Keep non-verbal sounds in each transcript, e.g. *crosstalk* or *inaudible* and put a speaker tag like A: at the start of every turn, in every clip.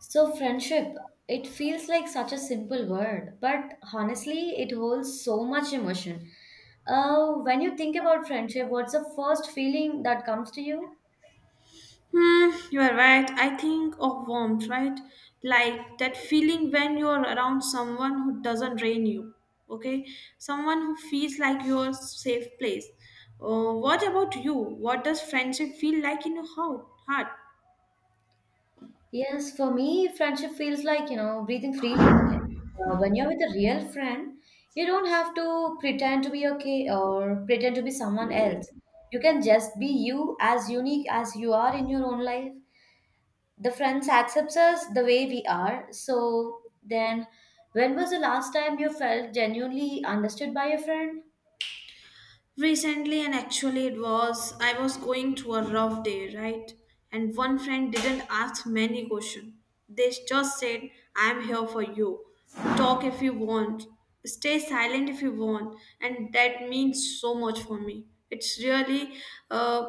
A: So, friendship, it feels like such a simple word, but honestly, it holds so much emotion. When you think about friendship, what's the first feeling that comes to you?
B: You are right. I think of warmth, right? Like that feeling when you're around someone who doesn't drain you, okay? Someone who feels like your safe place. What about you? What does friendship feel like in your heart?
A: Yes, for me, friendship feels like, you know, breathing freely. Like, when you're with a real friend, you don't have to pretend to be okay or pretend to be someone else. You can just be you as unique as you are in your own life. The friends accepts us the way we are, so then, when was the last time you felt genuinely understood by a friend?
B: Recently, and actually, it was I was going through a rough day, right? And one friend didn't ask many questions. They just said, I'm here for you. Talk if you want. Stay silent if you want. And that means so much for me. It's really uh,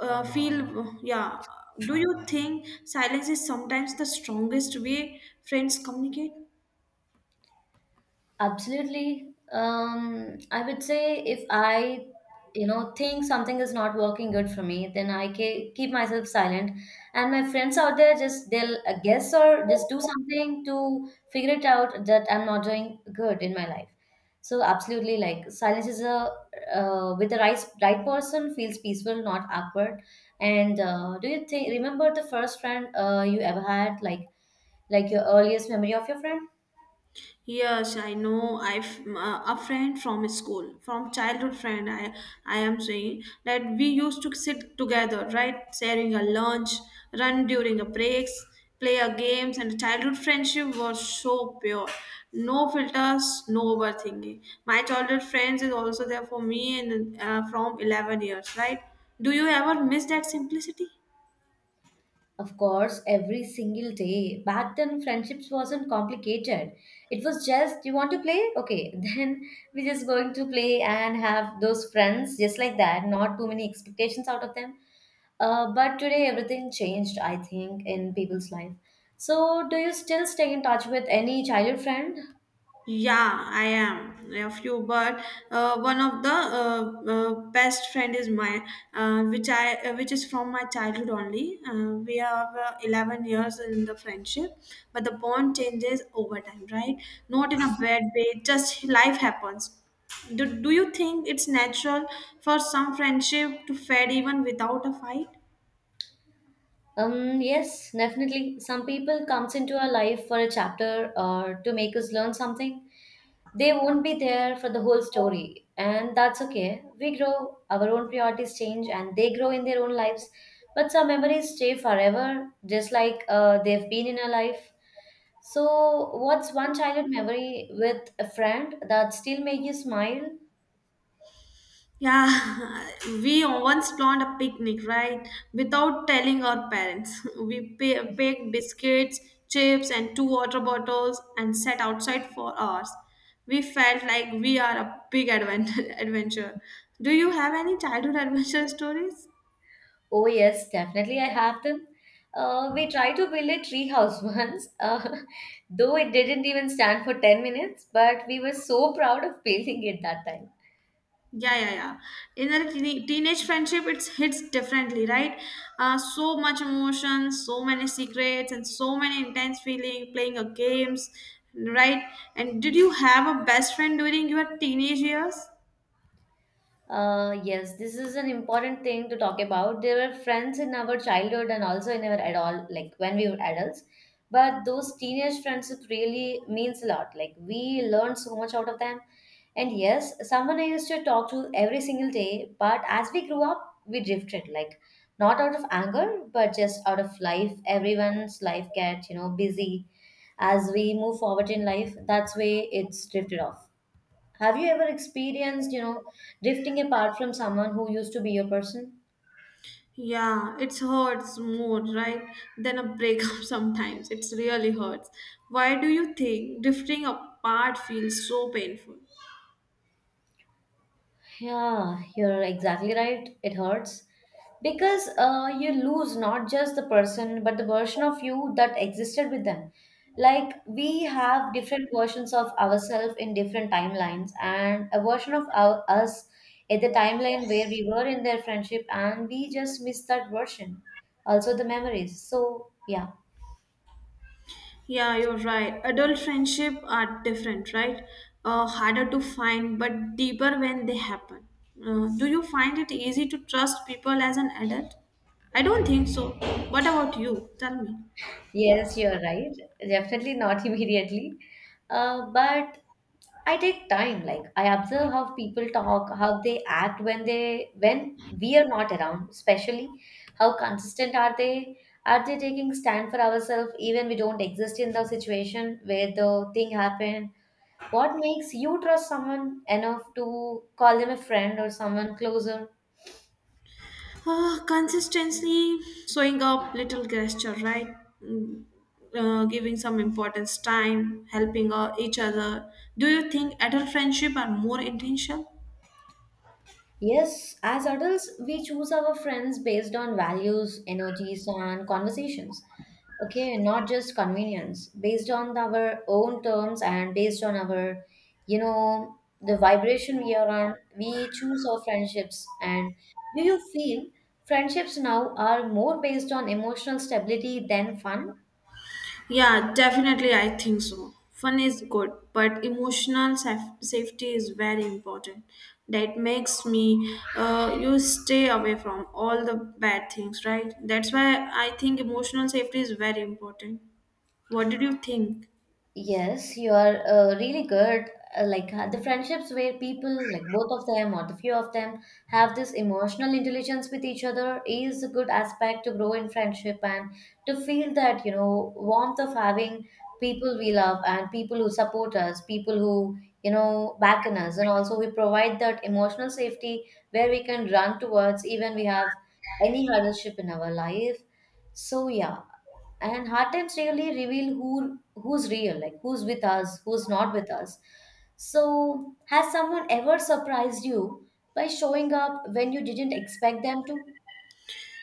B: yeah. Do you think silence is sometimes the strongest way friends communicate?
A: Absolutely. I would say if I, you know, think something is not working good for me, then I keep myself silent. And my friends out there, just they'll guess or just do something to figure it out that I'm not doing good in my life. So absolutely, like silence is a, with the right person, feels peaceful, not awkward. And do you think, remember the first friend you ever had, like your earliest memory of your friend?
B: Yes, I know. A friend from school, from childhood friend. I am saying that we used to sit together, right, sharing a lunch, run during a breaks, play a games, and childhood friendship was so pure. No filters, no overthinking. My childhood friends is also there for me, and from 11 years, right? Do you ever miss that simplicity?
A: Of course, every single day. Back then, friendships wasn't complicated. It was just, you want to play? Okay, *laughs* then we're just going to play and have those friends just like that. Not too many expectations out of them. But today, everything changed, I think, in people's life. So, do you still stay in touch with any childhood friend?
B: Yeah, I am of you, but one of the best friend is my, which is from my childhood only. We have 11 years in the friendship, but the bond changes over time, right? Not in a bad way, just life happens. Do you think it's natural for some friendship to fade even without a fight?
A: Yes, definitely. Some people comes into our life for a chapter or to make us learn something. They won't be there for the whole story, and that's okay. We grow, our own priorities change, and they grow in their own lives. But some memories stay forever, just like they've been in our life. So, what's one childhood memory with a friend that still make you smile?
B: Yeah, *laughs* we once planned a picnic, right? Without telling our parents. *laughs* Packed biscuits, chips, and two water bottles and sat outside for hours. We felt like we are a big *laughs* adventure. Do you have any childhood adventure *laughs* stories?
A: Oh yes, definitely I have them. We tried to build a tree house *laughs* once, though it didn't even stand for 10 minutes, but we were so proud of building it that time.
B: Yeah, yeah, yeah. In a teenage friendship, it hits differently, right? So much emotion, so many secrets, and so many intense feeling playing a games, right? And did you have a best friend during your teenage years?
A: Yes, this is an important thing to talk about. There were friends in our childhood and also in our adult, like when we were adults. But those teenage friendships really means a lot. Like we learned so much out of them. And yes, someone I used to talk to every single day. But as we grew up, we drifted. Like not out of anger, but just out of life. Everyone's life gets, you know, busy. As we move forward in life, that's way it's drifted off. Have you ever experienced, you know, drifting apart from someone who used to be your person?
B: Yeah, it hurts more, right, than a breakup *laughs* sometimes. It's really hurts. Why do you think drifting apart feels so painful?
A: Yeah, you're exactly right. It hurts because you lose not just the person but the version of you that existed with them. Like we have different versions of ourselves in different timelines, and a version of our, us at the timeline where we were in their friendship, and we just miss that version. Also, the memories. So, yeah.
B: Yeah, you're right. Adult friendship are different, right? Harder to find, but deeper when they happen. Do you find it easy to trust people as an adult? I don't think so. What about you? Tell me.
A: Yes, you're right. Definitely not *laughs* immediately. But I take time. Like I observe how people talk, how they act when they when we are not around, especially how consistent are they? Are they taking stand for ourselves even we don't exist in the situation where the thing happened? What makes you trust someone enough to call them a friend or someone closer?
B: Consistently showing up, little gesture, right? Mm. Giving some importance, time, helping each other. Do you think adult friendship are more intentional?
A: Yes, as adults, we choose our friends based on values, energies, and conversations. Okay, not just convenience, based on our own terms and based on our, you know, the vibration we are on, we choose our friendships. And do you feel friendships now are more based on emotional stability than fun?
B: Yeah, definitely, I think so. Fun is good, but emotional safety is very important. That makes me, you stay away from all the bad things, right? That's why I think emotional safety is very important. What did you think?
A: Yes, you are really good. Like, the friendships where people, like both of them or the few of them, have this emotional intelligence with each other is a good aspect to grow in friendship and to feel that, you know, warmth of having people we love and people who support us, people who, you know, back in us. And also we provide that emotional safety where we can run towards even we have any hardship in our life. So yeah, and hard times really reveal who's real, like who's with us, who's not with us. So has someone ever surprised you by showing up when you didn't expect them to?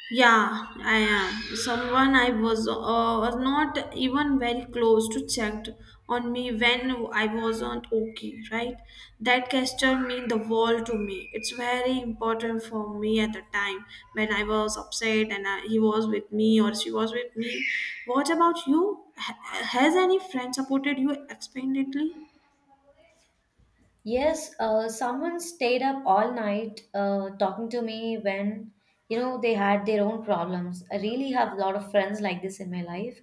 B: Yeah, I am. Someone I was not even very close to checked on me when I wasn't okay, right? That gesture mean the world to me. It's very important for me at the time when I was upset and he was with me or she was with me. What about you? Has any friend supported you expandedly?
A: Yes, someone stayed up all night talking to me when, you know, they had their own problems. I really have a lot of friends like this in my life.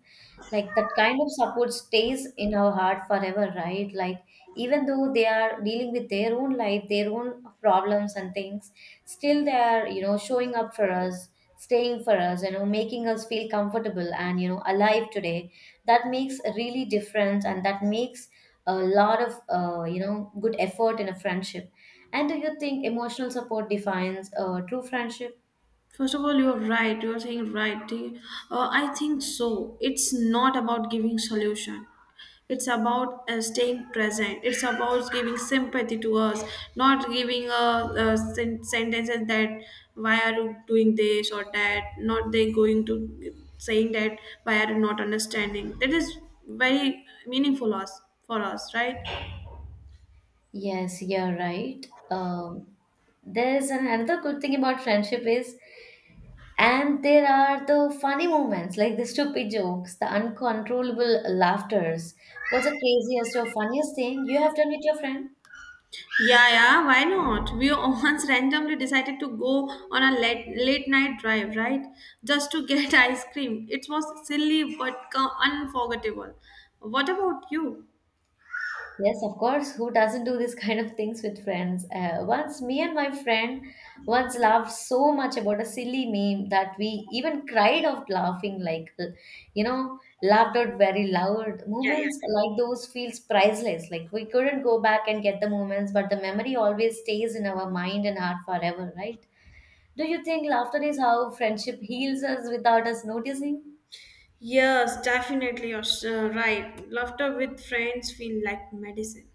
A: Like that kind of support stays in our heart forever, right? Like even though they are dealing with their own life, their own problems and things, still they are, you know, showing up for us, staying for us, you know, making us feel comfortable and, you know, alive today. That makes a really difference, and that makes a lot of you know good effort in a friendship. And do you think emotional support defines true friendship?
B: First of all, you're right. You're saying right. I think so. It's not about giving solution. It's about staying present. It's about giving sympathy to us, not giving a sentences that why are you doing this or that. Not they going to saying that why are you not understanding. That is very meaningful us for us, right?
A: Yes, you're right. There's another good thing about friendship is, and there are the funny moments, like the stupid jokes, the uncontrollable laughters. What's the craziest or funniest thing you have done with your friend?
B: Yeah, yeah, why not? We once *laughs* randomly decided to go on a late night drive, right? Just to get *laughs* ice cream. It was silly but unforgettable. What about you?
A: Yes, of course. Who doesn't do this *laughs* kind of things with friends? Once me and my friend once laughed so much about a silly meme that we even cried of laughing, like, you know, laughed out very loud.
B: Yeah, yeah.
A: Moments like those feels priceless. Like we couldn't go back and get the moments, but the memory always stays in our mind and heart forever, right? Do you think laughter is how friendship heals us without us noticing?
B: Yes, definitely. Right. Laughter with friends feel like medicine.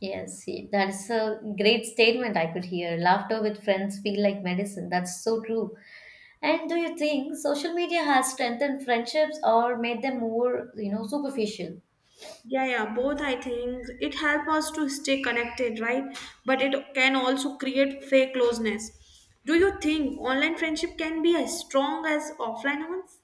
A: Yes, see, that's a great statement I could hear. Laughter with friends feel like medicine. That's so true. And do you think social media has strengthened friendships or made them more, you know, superficial?
B: Yeah, yeah, both I think it helps us to stay connected, right? But it can also create fake closeness. Do you think online friendship can be as strong as offline ones?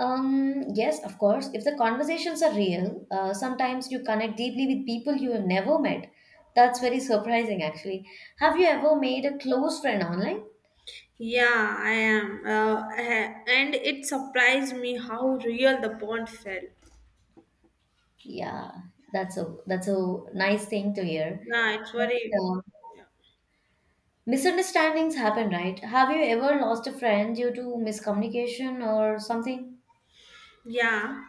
A: Yes, of course. If the conversations are real, sometimes you connect deeply with people you have never met. That's very surprising, actually. Have you ever made a close friend online?
B: Yeah, I am. And it surprised me how real the bond felt.
A: Yeah, that's a nice thing to hear.
B: Yeah, it's
A: And,
B: very.
A: uh, misunderstandings happen, right? Have you ever lost a friend due to miscommunication or something?
B: Yeah,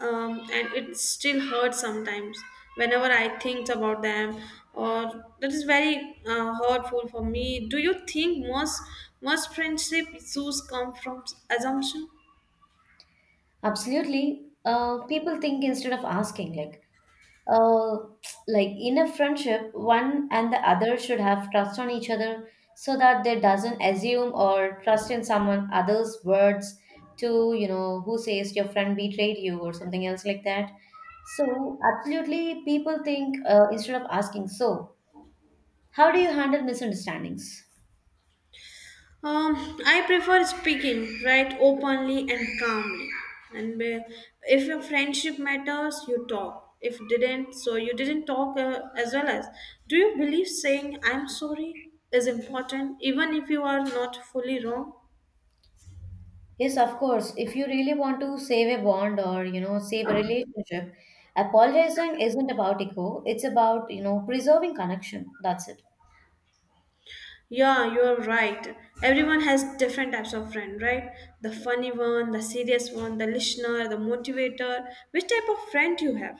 B: and it still hurts sometimes whenever I think about them, or that is very hurtful for me. Do you think most friendship issues come from assumption?
A: Absolutely. People think instead of asking, uh, like in a friendship, one and the other should have trust on each other so that they doesn't assume or trust in someone other's words to, you know, who says your friend betrayed you or something else like that. So absolutely, people think instead of asking. So, how do you handle misunderstandings?
B: Um, I prefer speaking right openly and calmly. And if your friendship matters, you talk. If didn't, so you didn't talk as well as. Do you believe saying I'm sorry is important even if you are not fully wrong?
A: Yes, of course. If you really want to save a bond or, you know, save a relationship, apologizing isn't about ego. It's about, you know, preserving connection. That's it.
B: Yeah, you are right. Everyone has different types of friend, right? The funny one, the serious one, the listener, the motivator. Which type of friend you have?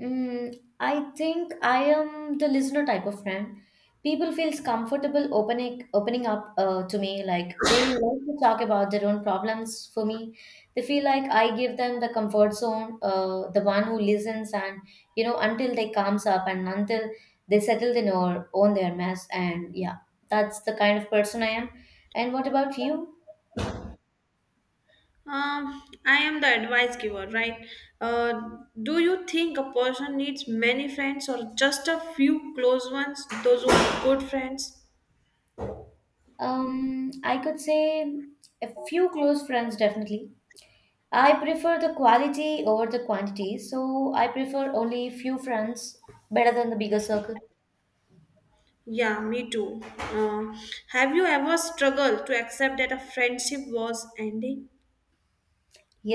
A: Mm, I think I am the listener type of friend. People feels comfortable opening up to me. Like they like to talk about their own problems for me. They feel like I give them the comfort zone, the one who listens and, you know, until they calms up and until they settle their own their mess. And yeah, that's the kind of person I am. And what about you?
B: I am the advice giver, right? Do you think a person needs many friends or just a few close ones, those who are good friends?
A: I could say a few close friends definitely. I prefer the quality over the quantity, so I prefer only few friends better than the bigger circle.
B: Yeah, me too. Uh, have you ever struggled to accept that a friendship was ending?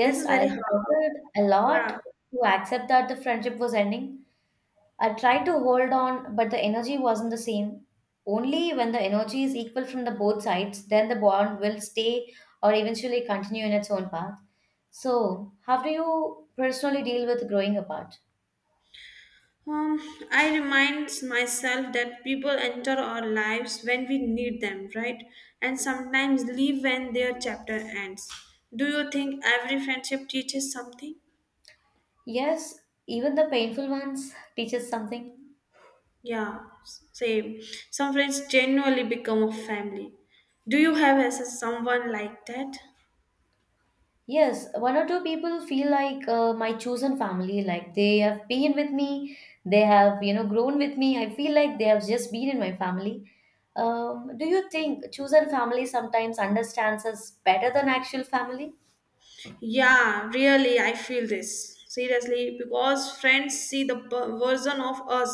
B: This is
A: I
B: very hard.
A: struggled a lot
B: Yeah.
A: to accept that the friendship was ending. I tried to hold on, but the energy wasn't the same. Only when the energy is equal from the both sides, then the bond will stay or eventually continue in its own path. So, how do you personally deal with growing apart?
B: Um, I remind myself that people enter our lives when we need them, right? And sometimes leave when their chapter ends. Do you think every friendship teaches something?
A: Yes, even the painful ones teaches something.
B: Yeah, same. Some friends genuinely become a family. Do you have as a someone like that?
A: Yes, one or two people feel like my chosen family, like they have been with me, they have, you know, grown with me. I feel like they have just been in my family. Do you think chosen family sometimes understands us better than actual family?
B: Yeah, really, I feel this seriously because friends see the version of us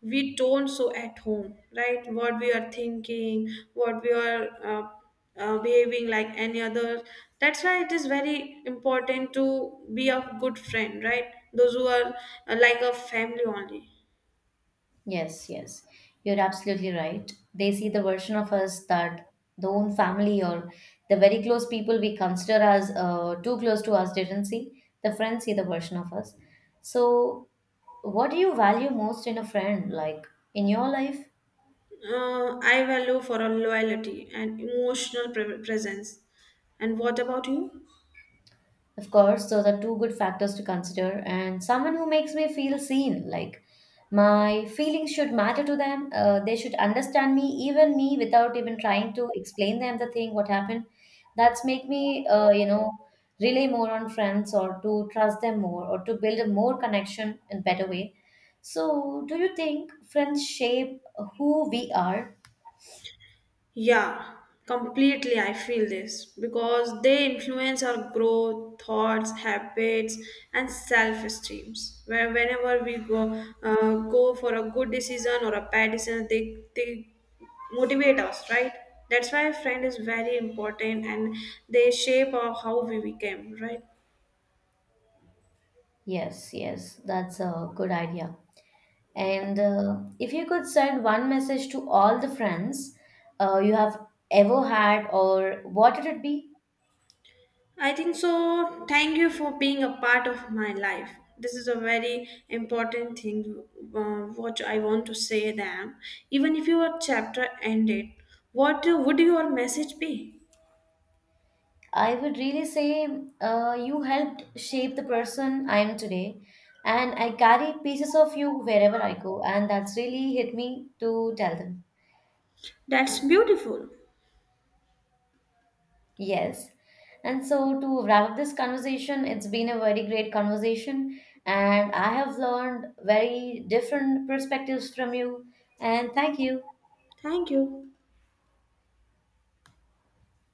B: we don't show at home, right? What we are thinking, what we are behaving like any other. That's why it is very important to be a good friend, right? Those who are like a family only.
A: Yes, yes, you're absolutely right. They see the version of us that the own family or the very close people we consider as too close to us didn't see. The friends see the version of us. So, what do you value most in a friend, like in your life?
B: I value for a loyalty and emotional presence. And what about you?
A: Of course, those are two good factors to consider. And someone who makes me feel seen, like my feelings should matter to them. They should understand me, even me, without even trying to explain them the thing, what happened. That's make me, you know, rely more on friends or to trust them more or to build a more connection in better way. So, do you think friends shape who we are?
B: Yeah, completely. I feel this because they influence our growth, thoughts, habits, and self-esteems. Where whenever we go, go for a good decision or a bad decision, they motivate us, right? That's why a friend is very important, and they shape our how we became, right?
A: Yes, yes, that's a good idea. And if you could send one message to all the friends you have ever had, or what would it be?
B: I think so. Thank you for being a part of my life. This is a very important thing, what I want to say them. Even if your chapter ended, what would your message be?
A: I would really say you helped shape the person I am today, and I carry pieces of you wherever I go, and that's really hit me to tell them.
B: That's beautiful.
A: Yes. And so, to wrap up this conversation, it's been a very great conversation, and I have learned very different perspectives from you, and thank you.
B: Thank you.